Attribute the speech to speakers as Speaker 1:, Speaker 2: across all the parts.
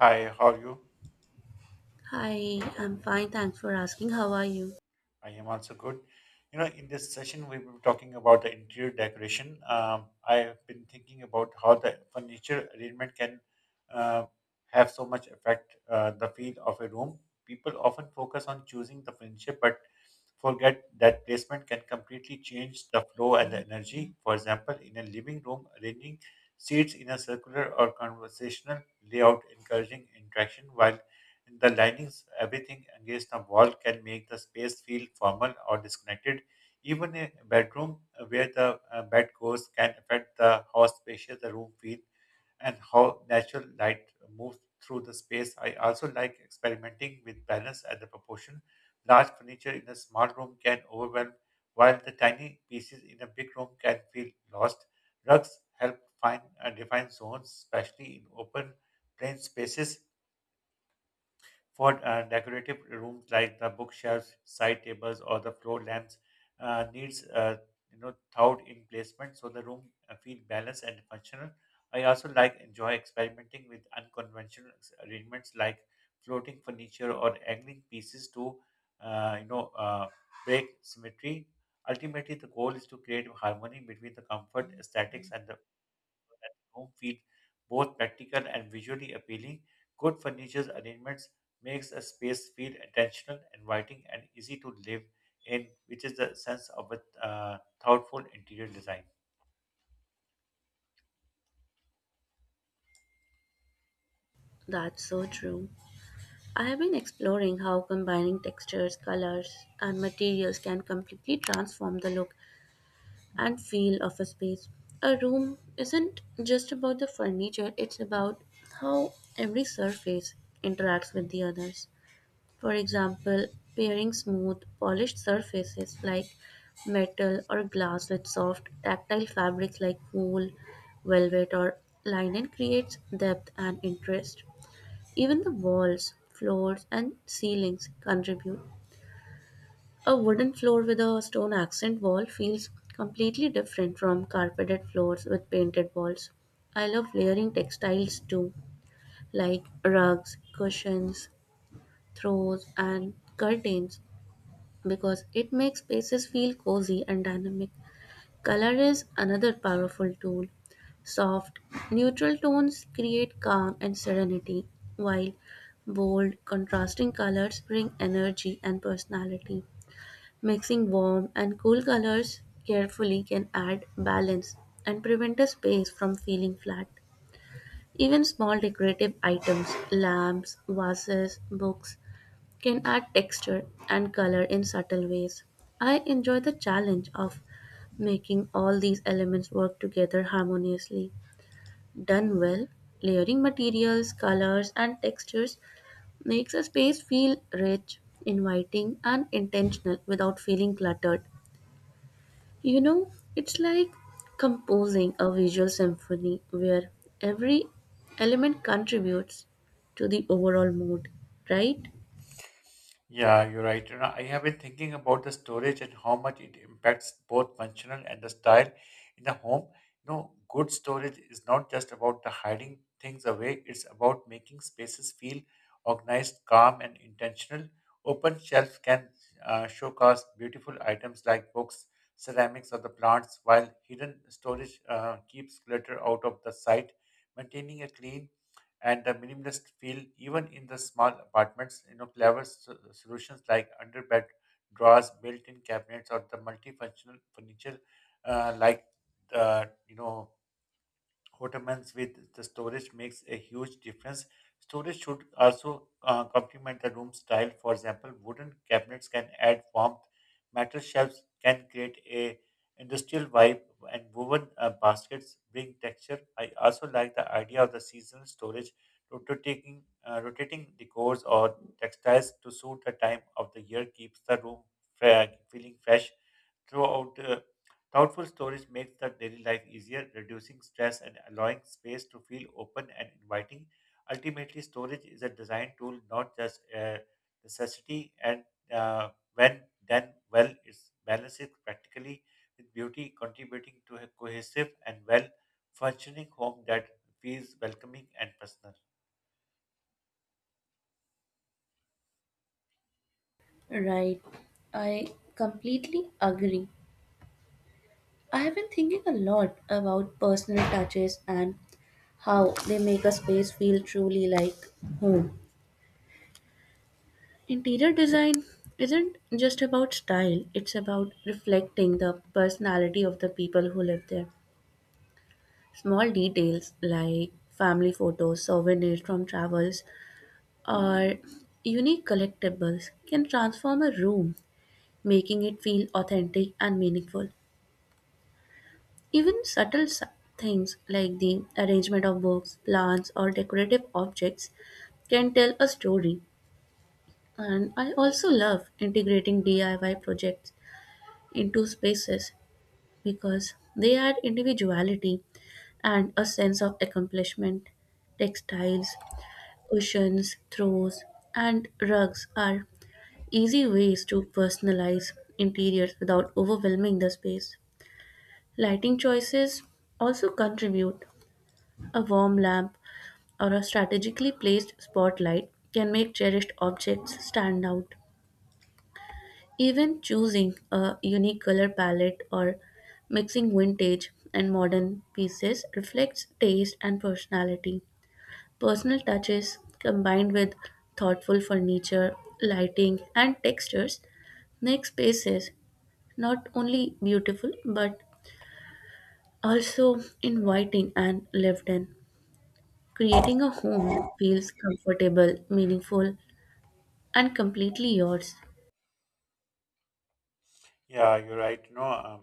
Speaker 1: Hi, how are you?
Speaker 2: Hi, I'm fine, thanks for asking. How are you?
Speaker 1: I am also good. You know, in this session, we will be talking about the interior decoration. I have been thinking about how the furniture arrangement can uh, have so much effect the feel of a room. People often focus on choosing the furniture, but forget that placement can completely change the flow and the energy. For example, in a living room, arranging seats in a circular or conversational layout, encouraging interaction, while in the linings, everything against a wall can make the space feel formal or disconnected. Even a bedroom where the bed goes can affect the how spacious the room feels and how natural light moves through the space. I also like experimenting with balance and the proportion. Large furniture in a small room can overwhelm, while the tiny pieces in a big room can feel lost. Rugs help find and define zones, especially in open plain spaces. For decorative rooms like the bookshelves, side tables, or the floor lamps, needs thought in placement so the room feel balanced and functional. I also like enjoy experimenting with unconventional arrangements like floating furniture or angling pieces to uh, you know uh, break symmetry. Ultimately, the goal is to create harmony between the comfort, aesthetics, and room feel both practical and visually appealing. Good furniture arrangements makes a space feel intentional, inviting, and easy to live in, which is the sense of a thoughtful interior design.
Speaker 2: That's so true. I have been exploring how combining textures, colors, and materials can completely transform the look and feel of a space. A room isn't just about the furniture, it's about how every surface interacts with the others. For example, pairing smooth, polished surfaces like metal or glass with soft, tactile fabrics like wool, velvet, or linen creates depth and interest. Even the walls, floors, and ceilings contribute. A wooden floor with a stone accent wall feels completely different from carpeted floors with painted walls. I love layering textiles too, like rugs, cushions, throws, and curtains because it makes spaces feel cozy and dynamic. Color is another powerful tool. Soft, neutral tones create calm and serenity, while bold, contrasting colors bring energy and personality. Mixing warm and cool colors carefully can add balance and prevent a space from feeling flat. Even small decorative items, lamps, vases, books, can add texture and color in subtle ways. I enjoy the challenge of making all these elements work together harmoniously. Done well, layering materials, colors, and textures makes a space feel rich, inviting, and intentional without feeling cluttered. You know, it's like composing a visual symphony where every element contributes to the overall mood, right?
Speaker 1: Yeah, you're right. You know, I have been thinking about the storage and how much it impacts both functional and the style in the home. You know, good storage is not just about the hiding things away, it's about making spaces feel organized, calm, and intentional. Open shelves can showcase beautiful items like books, ceramics, or the plants, while hidden storage keeps clutter out of the sight. Maintaining a clean and the minimalist feel even in the small apartments, you know, clever solutions like under bed drawers, built-in cabinets, or the multifunctional furniture like uh, you know Ottomans with the storage makes a huge difference. Storage should also complement the room style. For example, wooden cabinets can add warmth, metal shelves can create a industrial vibe, and woven baskets bring texture. I also like the idea of the seasonal storage, rotating decors or textiles to suit the time of the year keeps the room feeling fresh throughout. Thoughtful storage makes the daily life easier, reducing stress and allowing space to feel open and inviting. Ultimately, storage is a design tool, not just a necessity. And when done well, it balances practically with beauty, contributing to a cohesive and well functioning home that feels welcoming and personal.
Speaker 2: Right. I completely agree. I have been thinking a lot about personal touches and how they make a space feel truly like home. Interior design isn't just about style, it's about reflecting the personality of the people who live there. Small details like family photos, souvenirs from travels, or unique collectibles can transform a room, making it feel authentic and meaningful. Even things like the arrangement of books, plants, or decorative objects can tell a story. And I also love integrating DIY projects into spaces because they add individuality and a sense of accomplishment. Textiles, cushions, throws, and rugs are easy ways to personalize interiors without overwhelming the space. Lighting choices also contribute. A warm lamp or a strategically placed spotlight can make cherished objects stand out. Even choosing a unique color palette or mixing vintage and modern pieces reflects taste and personality. Personal touches combined with thoughtful furniture, lighting, and textures make spaces not only beautiful but also inviting and lived in, creating a home that feels comfortable, meaningful, and completely yours.
Speaker 1: Yeah, you're right. No,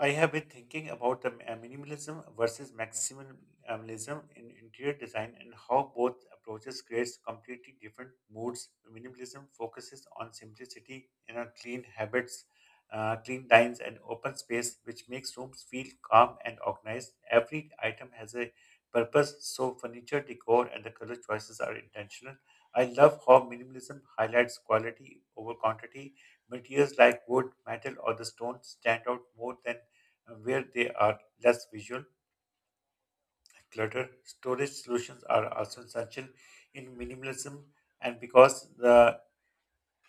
Speaker 1: I have been thinking about the minimalism versus maximalism in interior design and how both approaches creates completely different moods. Minimalism focuses on simplicity and on clean habits, clean lines, and open space, which makes rooms feel calm and organized. Every item has a purpose, so furniture, decor, and the color choices are intentional. I love how minimalism highlights quality over quantity materials like wood, metal, or the stone stand out more than where they are less visual clutter. Storage solutions are also essential in minimalism, and because the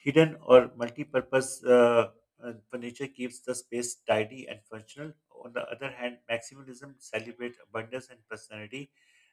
Speaker 1: hidden or multi-purpose furniture keeps the space tidy and functional. On the other hand, maximalism celebrates abundance and personality,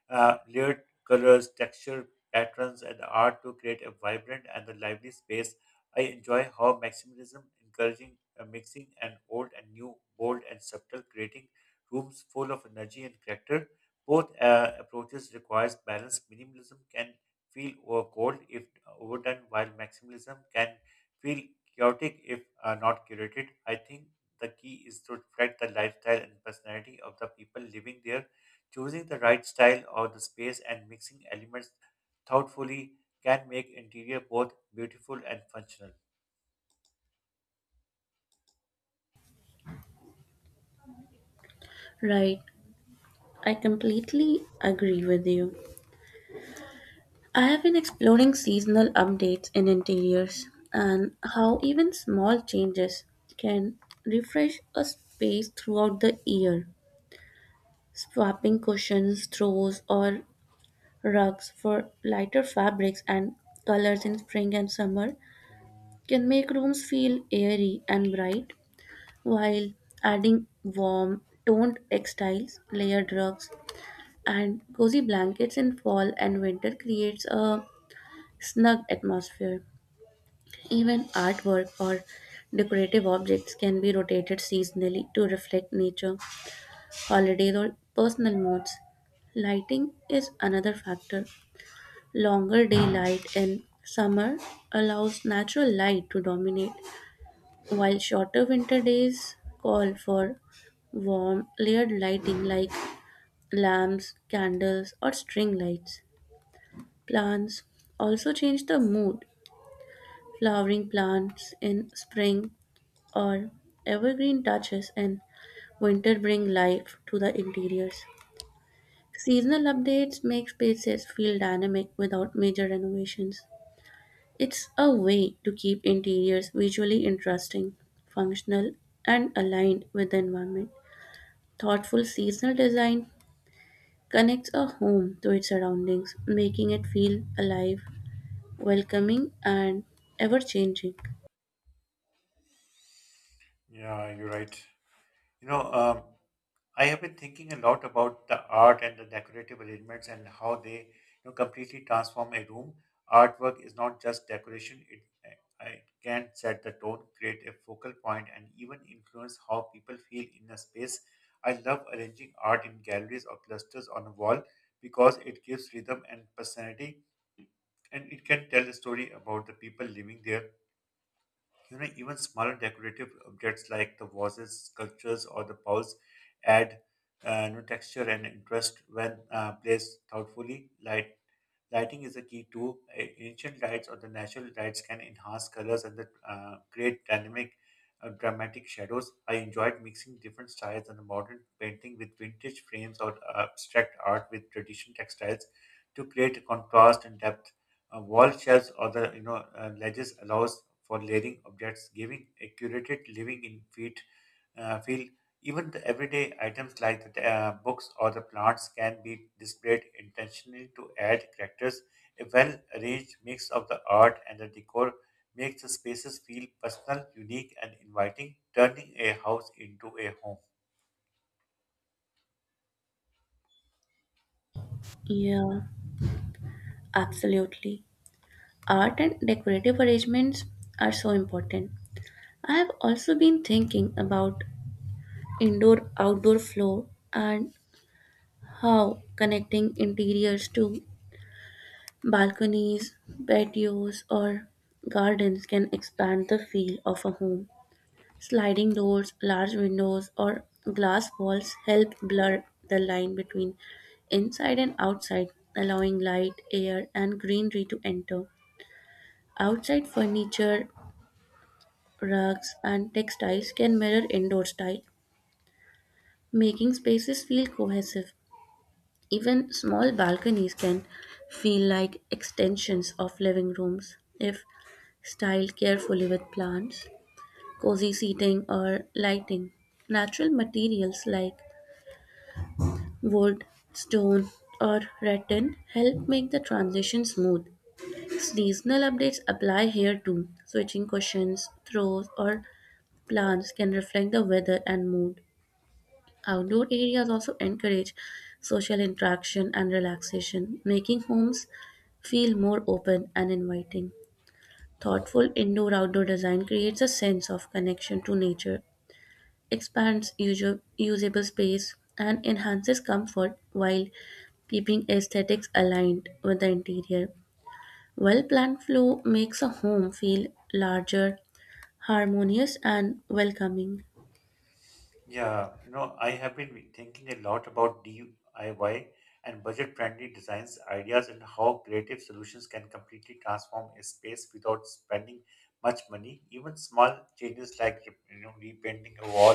Speaker 1: layered colors, texture, patterns, and art to create a vibrant and a lively space. I enjoy how maximalism encouraging a mixing and old and new, bold and subtle, creating rooms full of energy and character. Both approaches requires balance. Minimalism can feel over cold if overdone, while maximalism can feel chaotic if not curated. I think the key is to reflect the lifestyle and personality of the people living there. Choosing the right style or the space and mixing elements thoughtfully can make interior both beautiful and functional.
Speaker 2: Right, I completely agree with you. I have been exploring seasonal updates in interiors and how even small changes can refresh a space throughout the year. Swapping cushions, throws, or rugs for lighter fabrics and colors in spring and summer can make rooms feel airy and bright, while adding warm, toned textiles, layered rugs, and cozy blankets in fall and winter creates a snug atmosphere. Even artwork or decorative objects can be rotated seasonally to reflect nature, holidays, or personal moods. Lighting is another factor. Longer daylight in summer allows natural light to dominate, while shorter winter days call for warm, layered lighting like lamps, candles, or string lights. Plants also change the mood. Flowering plants in spring or evergreen touches in winter bring life to the interiors. Seasonal updates make spaces feel dynamic without major renovations. It's a way to keep interiors visually interesting, functional, and aligned with the environment. Thoughtful seasonal design connects a home to its surroundings, making it feel alive, welcoming, and ever changing.
Speaker 1: Yeah, you're right. You know, I have been thinking a lot about the art and the decorative arrangements and how they, you know, completely transform a room. Artwork is not just decoration, it can set the tone, create a focal point, and even influence how people feel in a space. I love arranging art in galleries or clusters on a wall because it gives rhythm and personality, and it can tell a story about the people living there. You know, even smaller decorative objects like the vases, sculptures, or the bowls add new texture and interest when placed thoughtfully. Light. Lighting is a key too. Ancient lights or the natural lights can enhance colors and the, create dynamic, dramatic shadows. I enjoyed mixing different styles and modern painting with vintage frames or abstract art with traditional textiles to create a contrast and depth. Wall shelves or the, you know, ledges allows for layering objects, giving a curated living in feet feel even the everyday items like the books or the plants can be displayed intentionally to add characters. A well arranged mix of the art and the decor makes the spaces feel personal, unique, and inviting, turning a house into a home.
Speaker 2: Yeah, absolutely. Art and decorative arrangements are so important. I have also been thinking about indoor outdoor flow and how connecting interiors to balconies, patios, or gardens can expand the feel of a home. Sliding doors, large windows, or glass walls help blur the line between inside and outside, allowing light, air, and greenery to enter. Outside furniture, rugs, and textiles can mirror indoor style, making spaces feel cohesive. Even small balconies can feel like extensions of living rooms if styled carefully with plants, cozy seating, or lighting. Natural materials like wood, stone, or rattan help make the transition smooth. Seasonal updates apply here too. Switching cushions, throws, or plants can reflect the weather and mood. Outdoor areas also encourage social interaction and relaxation, making homes feel more open and inviting. Thoughtful indoor outdoor design creates a sense of connection to nature, expands usable space, and enhances comfort while keeping aesthetics aligned with the interior. Well planned flow makes a home feel larger, harmonious, and welcoming.
Speaker 1: Yeah, you know, I have been thinking a lot about DIY and budget-friendly designs ideas and how creative solutions can completely transform a space without spending much money. Even small changes like, you know, repainting a wall,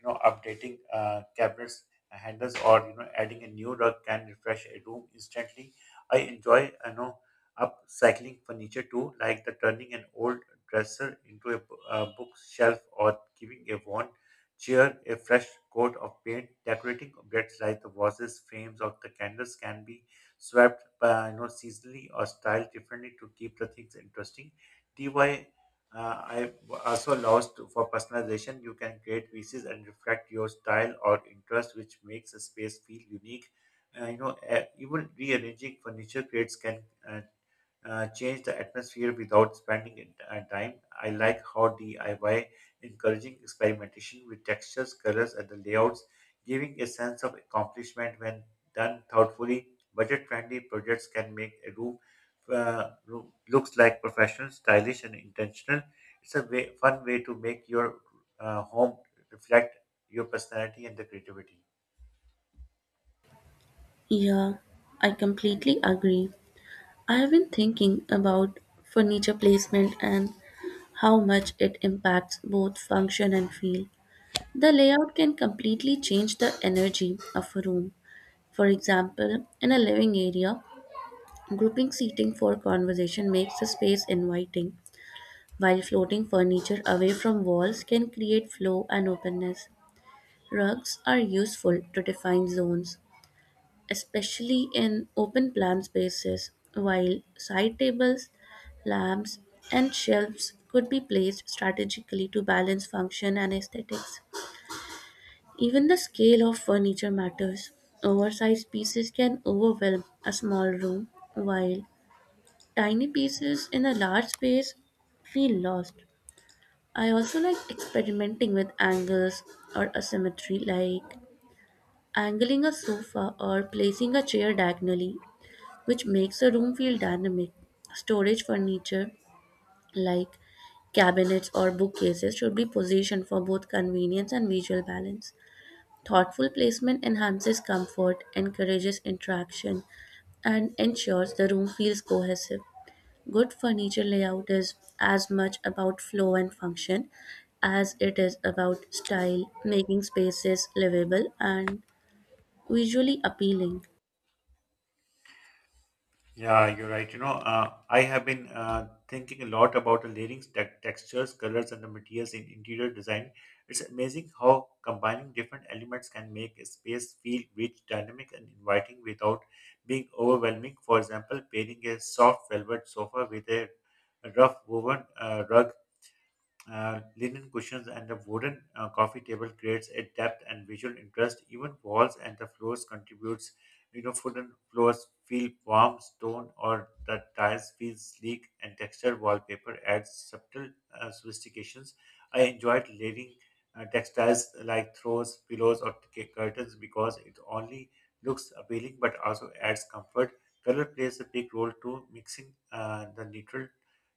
Speaker 1: you know, updating cabinets handles, or, you know, adding a new rug can refresh a room instantly. I enjoy, you know, upcycling furniture too, like the turning an old dresser into a bookshelf, or giving a wand cheer a fresh coat of paint. Decorating objects like the vases, frames, or the candles can be swept by, you know, seasonally or styled differently to keep the things interesting. DIY I also allows to, for personalization. You can create pieces and reflect your style or interest, which makes a space feel unique. Even rearranging furniture creates can change the atmosphere without spending time. I like how DIY encouraging experimentation with textures, colors, and the layouts, giving a sense of accomplishment when done thoughtfully. Budget-friendly projects can make a room looks like professional, stylish, and intentional. It's a fun way to make your home reflect your personality and the creativity.
Speaker 2: Yeah, I completely agree. I have been thinking about furniture placement and how much it impacts both function and feel. The layout can completely change the energy of a room. For example, in a living area, grouping seating for conversation makes the space inviting, while floating furniture away from walls can create flow and openness. Rugs are useful to define zones, especially in open plan spaces, while side tables, lamps, and shelves could be placed strategically to balance function and aesthetics. Even the scale of furniture matters. Oversized pieces can overwhelm a small room, while tiny pieces in a large space feel lost. I also like experimenting with angles or asymmetry, like angling a sofa or placing a chair diagonally, which makes a room feel dynamic. Storage furniture, like cabinets or bookcases, should be positioned for both convenience and visual balance. Thoughtful placement enhances comfort, encourages interaction, and ensures the room feels cohesive. Good furniture layout is as much about flow and function as it is about style, making spaces livable and visually appealing.
Speaker 1: Yeah, you're right. You know, I have been thinking a lot about the layering textures, colors, and the materials in interior design. It's amazing how combining different elements can make a space feel rich, dynamic, and inviting without being overwhelming. For example, pairing a soft velvet sofa with a rough woven rug, linen cushions, and a wooden coffee table creates a depth and visual interest. Even walls and the floors contributes. You know, wooden floors feel warm, stone or the tiles feel sleek, and textured wallpaper adds subtle sophistications. I enjoyed layering textiles like throws, pillows, or curtains because it only looks appealing but also adds comfort. Color plays a big role too, mixing the neutral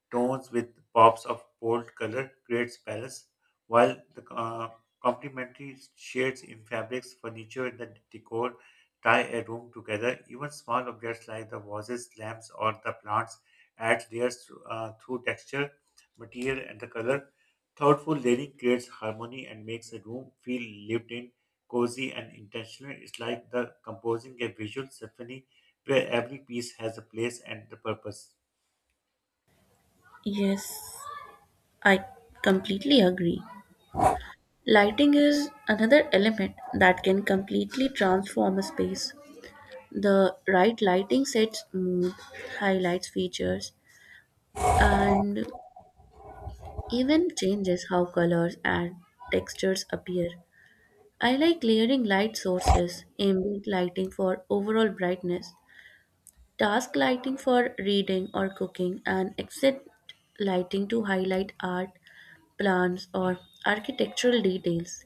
Speaker 1: tones with pops of bold color creates balance, while the complementary shades in fabrics, furniture, and the decor tie a room together. Even small objects like the vases, lamps, or the plants add layers through texture, material, and the color. Thoughtful layering creates harmony and makes a room feel lived in, cozy, and intentional. It's like the composing a visual symphony where every piece has a place and the purpose.
Speaker 2: Yes, I completely agree. Lighting is another element that can completely transform a space. The right lighting sets mood, highlights features, and even changes how colors and textures appear. I like layering light sources, ambient lighting for overall brightness, task lighting for reading or cooking, and exit lighting to highlight art, plants, or architectural details.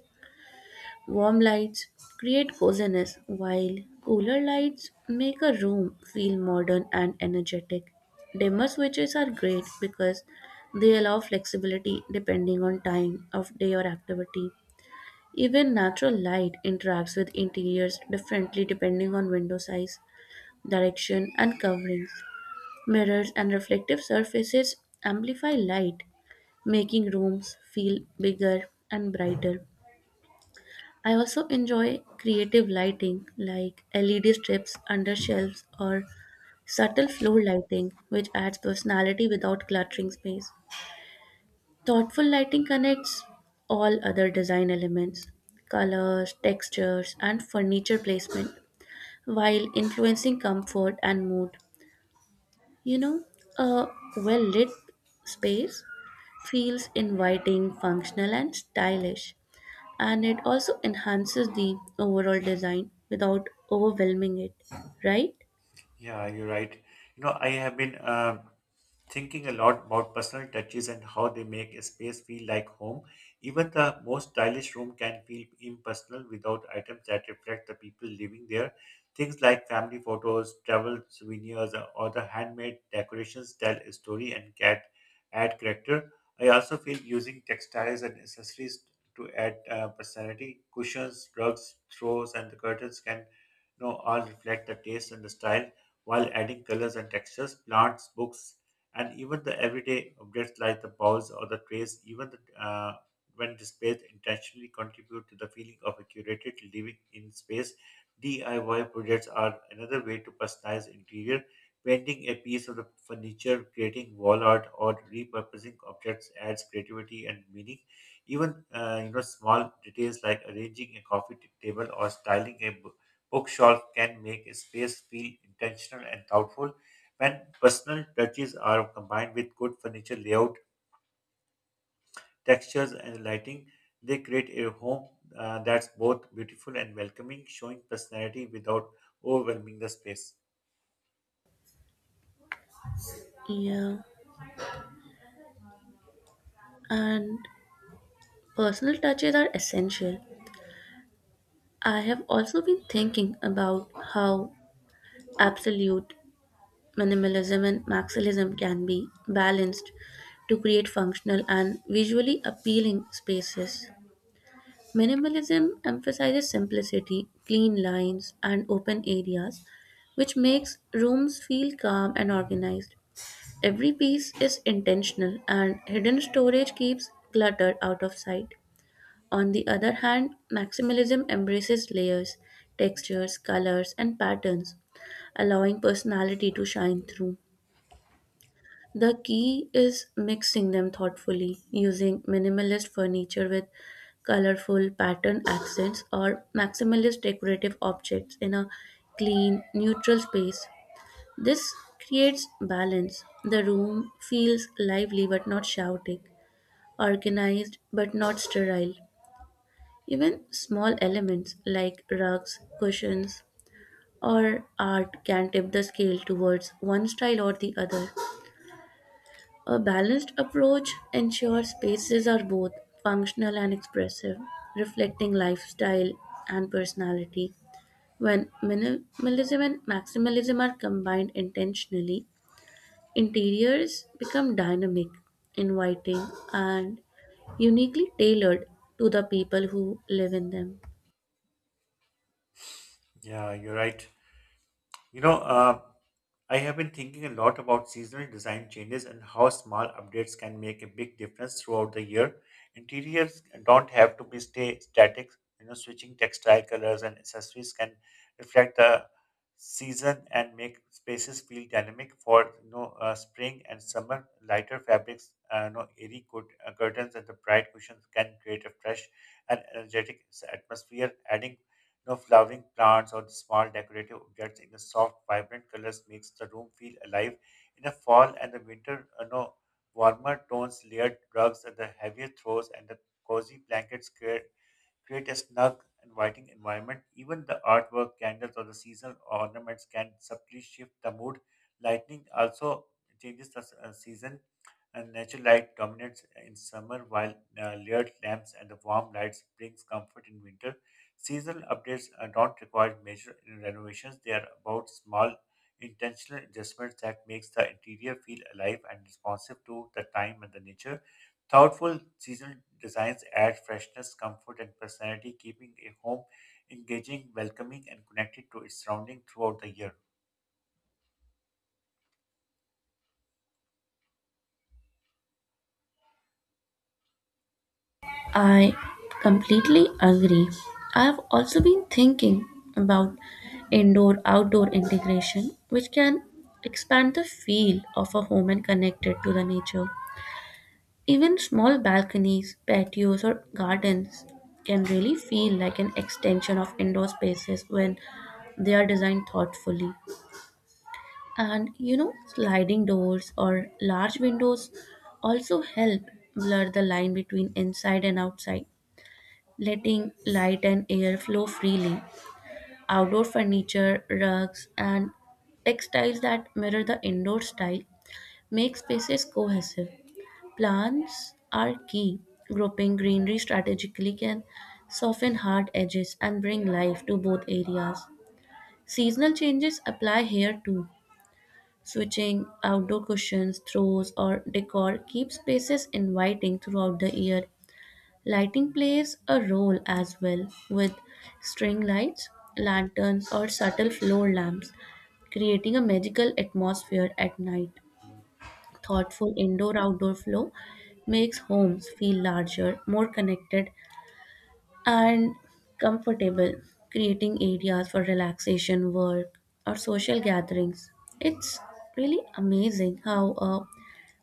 Speaker 2: Warm lights create coziness, while cooler lights make a room feel modern and energetic. Dimmer switches are great because they allow flexibility depending on time of day or activity. Even natural light interacts with interiors differently depending on window size, direction, and coverings. Mirrors and reflective surfaces amplify light, making rooms feel bigger and brighter. I also enjoy creative lighting like LED strips under shelves or subtle floor lighting, which adds personality without cluttering space. Thoughtful lighting connects all other design elements, colors, textures, and furniture placement, while influencing comfort and mood. You know, a well lit space feels inviting, functional, and stylish, and it also enhances the overall design without overwhelming it, right?
Speaker 1: Yeah, you're right. You know, I have been thinking a lot about personal touches and how they make a space feel like home. Even the most stylish room can feel impersonal without items that reflect the people living there. Things like family photos, travel souvenirs, or the handmade decorations tell a story and cat add character. I also feel using textiles and accessories to add personality. Cushions, rugs, throws, and the curtains can, you know, all reflect the taste and the style while adding colors and textures. Plants, books, and even the everyday objects like the balls or the trays, when displayed intentionally contribute to the feeling of a curated living in space. DIY projects are another way to personalize interior, painting a piece of the furniture, creating wall art, or repurposing objects adds creativity and meaning. Even, you know, small details like arranging a coffee table or styling a bookshelf can make a space feel intentional and thoughtful. When personal touches are combined with good furniture layout, textures, and lighting, they create a home that's both beautiful and welcoming, showing personality without overwhelming the space.
Speaker 2: Yeah, and personal touches are essential. I have also been thinking about how absolute minimalism and maximalism can be balanced to create functional and visually appealing spaces. Minimalism emphasizes simplicity, clean lines, and open areas, which makes rooms feel calm and organized. Every piece is intentional, and hidden storage keeps clutter out of sight. On the other hand, maximalism embraces layers, textures, colors, and patterns, allowing personality to shine through. The key is mixing them thoughtfully, using minimalist furniture with colorful pattern accents or maximalist decorative objects in a clean, neutral space. This creates balance. The room feels lively but not chaotic, organized but not sterile. Even small elements like rugs, cushions, or art can tip the scale towards one style or the other. A balanced approach ensures spaces are both functional and expressive, reflecting lifestyle and personality. When minimalism and maximalism are combined intentionally, interiors become dynamic, inviting, and uniquely tailored to the people who live in them.
Speaker 1: Yeah, you're right. You know, uh, I have been thinking a lot about seasonal design changes and how small updates can make a big difference throughout the year. Interiors don't have to be stay static. You know, switching textile colors and accessories can reflect the season and make spaces feel dynamic. For spring and summer, lighter fabrics, airy curtains, and the bright cushions can create a fresh and energetic atmosphere. Adding know, flowering plants or the small decorative objects in the soft, vibrant colors makes the room feel alive. In the fall and the winter, you know, warmer tones, layered rugs, and the heavier throws and the cozy blankets create a snug, inviting environment. Even the artwork, candles, or the seasonal ornaments can subtly shift the mood. Lightning also changes the season and natural light dominates in summer while layered lamps and the warm lights brings comfort in winter. Seasonal updates don't require major renovations. They are about small intentional adjustments that makes the interior feel alive and responsive to the time and the nature. Thoughtful seasonal designs add freshness, comfort, and personality, keeping a home engaging, welcoming, and connected to its surrounding throughout the year.
Speaker 2: I completely agree. I've also been thinking about indoor outdoor integration, which can expand the feel of a home and connect it to the nature. Even small balconies, patios, or gardens can really feel like an extension of indoor spaces when they are designed thoughtfully. And you know, sliding doors or large windows also help blur the line between inside and outside, letting light and air flow freely. Outdoor furniture, rugs, and textiles that mirror the indoor style make spaces cohesive. Plants are key. Grouping greenery strategically can soften hard edges and bring life to both areas. Seasonal changes apply here too. Switching outdoor cushions, throws, or decor keeps spaces inviting throughout the year. Lighting plays a role as well, with string lights, lanterns, or subtle floor lamps, creating a magical atmosphere at night. Thoughtful indoor outdoor flow makes homes feel larger, more connected, and comfortable, creating areas for relaxation, work, or social gatherings. It's really amazing how a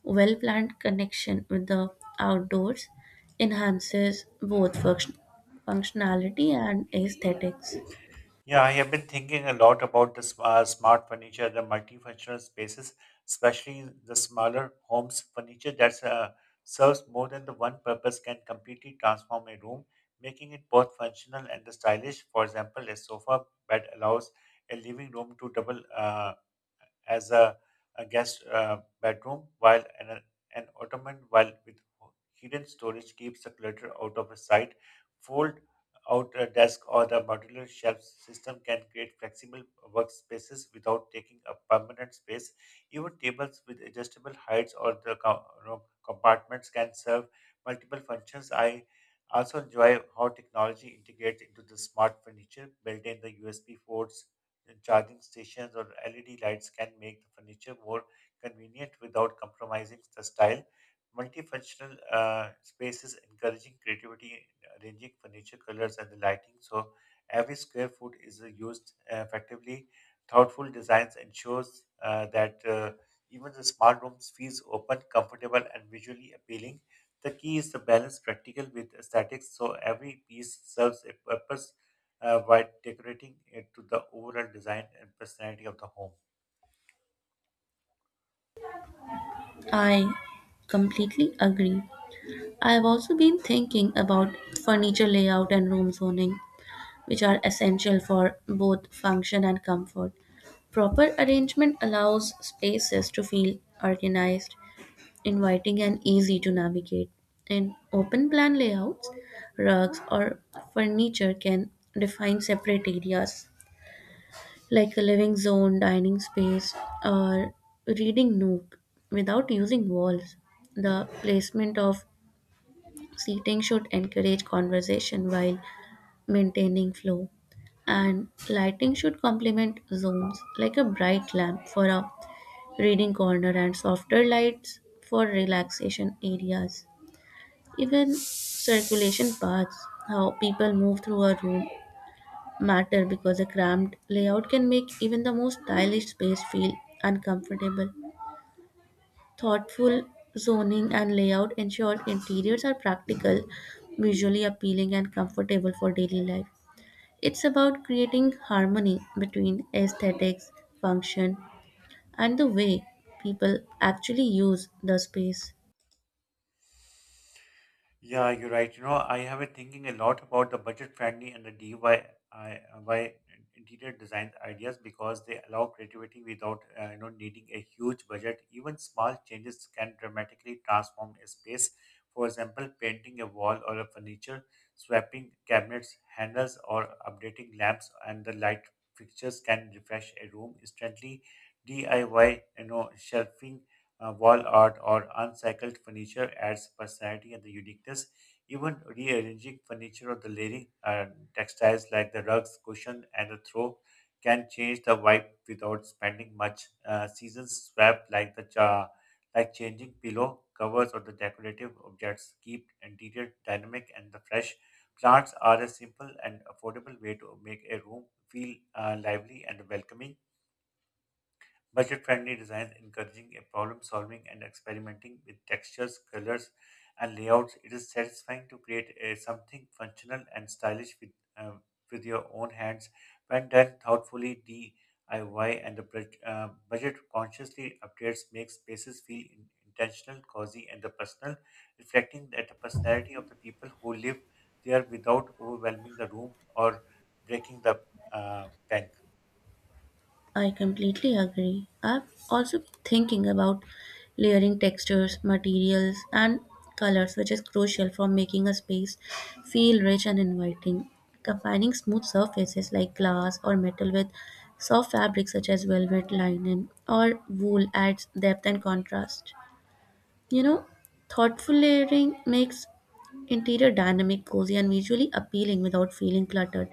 Speaker 2: well planned connection with the outdoors enhances both functionality and aesthetics.
Speaker 1: Yeah, I have been thinking a lot about the smart furniture, the multifunctional spaces, especially the smaller homes furniture that serves more than the one purpose can completely transform a room, making it both functional and stylish. For example, a sofa bed allows a living room to double as a guest bedroom, while an ottoman while with hidden storage keeps the clutter out of sight. Fold out a desk or the modular shelf system can create flexible workspaces without taking up permanent space. Even tables with adjustable heights or the compartments can serve multiple functions. I also enjoy how technology integrates into the smart furniture built in the USB ports and charging stations or LED lights can make the furniture more convenient without compromising the style. Multifunctional spaces encouraging creativity in arranging furniture colors and the lighting so every square foot is used effectively. Thoughtful designs ensures that even the small rooms feels open, comfortable, and visually appealing. The key is to balance practical with aesthetics so every piece serves a purpose while decorating it to the overall design and personality of the home.
Speaker 2: I completely agree. I have also been thinking about furniture layout and room zoning, which are essential for both function and comfort. Proper arrangement allows spaces to feel organized, inviting, and easy to navigate. In open plan layouts, rugs or furniture can define separate areas like a living zone, dining space, or reading nook without using walls. The placement of seating should encourage conversation while maintaining flow, and lighting should complement zones like a bright lamp for a reading corner and softer lights for relaxation areas. Even circulation paths, how people move through a room, matter because a cramped layout can make even the most stylish space feel uncomfortable. Thoughtful zoning and layout ensure interiors are practical, visually appealing, and comfortable for daily life. It's about creating harmony between aesthetics, function, and the way people actually use the space.
Speaker 1: Yeah, you're right. You know, I have been thinking a lot about the budget-friendly and the DIY by interior design ideas because they allow creativity without, needing a huge budget. Even small changes can dramatically transform a space. For example, painting a wall or a furniture, swapping cabinets, handles, or updating lamps and the light fixtures can refresh a room instantly. DIY, you know, shelving wall art, or uncycled furniture adds personality and the uniqueness. Even rearranging furniture or the layering textiles like the rugs, cushion, and the throw can change the vibe without spending much. Seasons swap like changing pillow covers or the decorative objects keep interior dynamic and the fresh. Plants are a simple and affordable way to make a room feel lively and welcoming. Budget friendly designs encouraging a problem solving and experimenting with textures, colors, and layouts. It is satisfying to create something functional and stylish uh, with your own hands. When done thoughtfully, DIY and the budget consciously updates make spaces feel intentional, cozy, and the personal, reflecting that the personality of the people who live there without overwhelming the room or breaking the bank.
Speaker 2: I completely agree. I've also been thinking about layering textures, materials, and colors, which is crucial for making a space feel rich and inviting. Combining smooth surfaces like glass or metal with soft fabrics such as velvet, linen, or wool adds depth and contrast. You know, thoughtful layering makes interior dynamic, cozy, and visually appealing without feeling cluttered.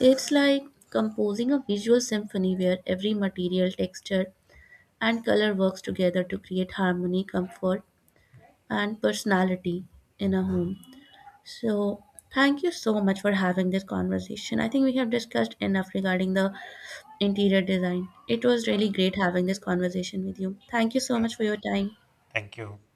Speaker 2: It's like composing a visual symphony where every material, texture, and color works together to create harmony, comfort, and personality in a home. So, thank you so much for having this conversation. I think we have discussed enough regarding the interior design. It was
Speaker 1: Yeah,
Speaker 2: really great having this conversation with you. Thank you so
Speaker 1: yeah.
Speaker 2: much for your time.
Speaker 1: Thank you.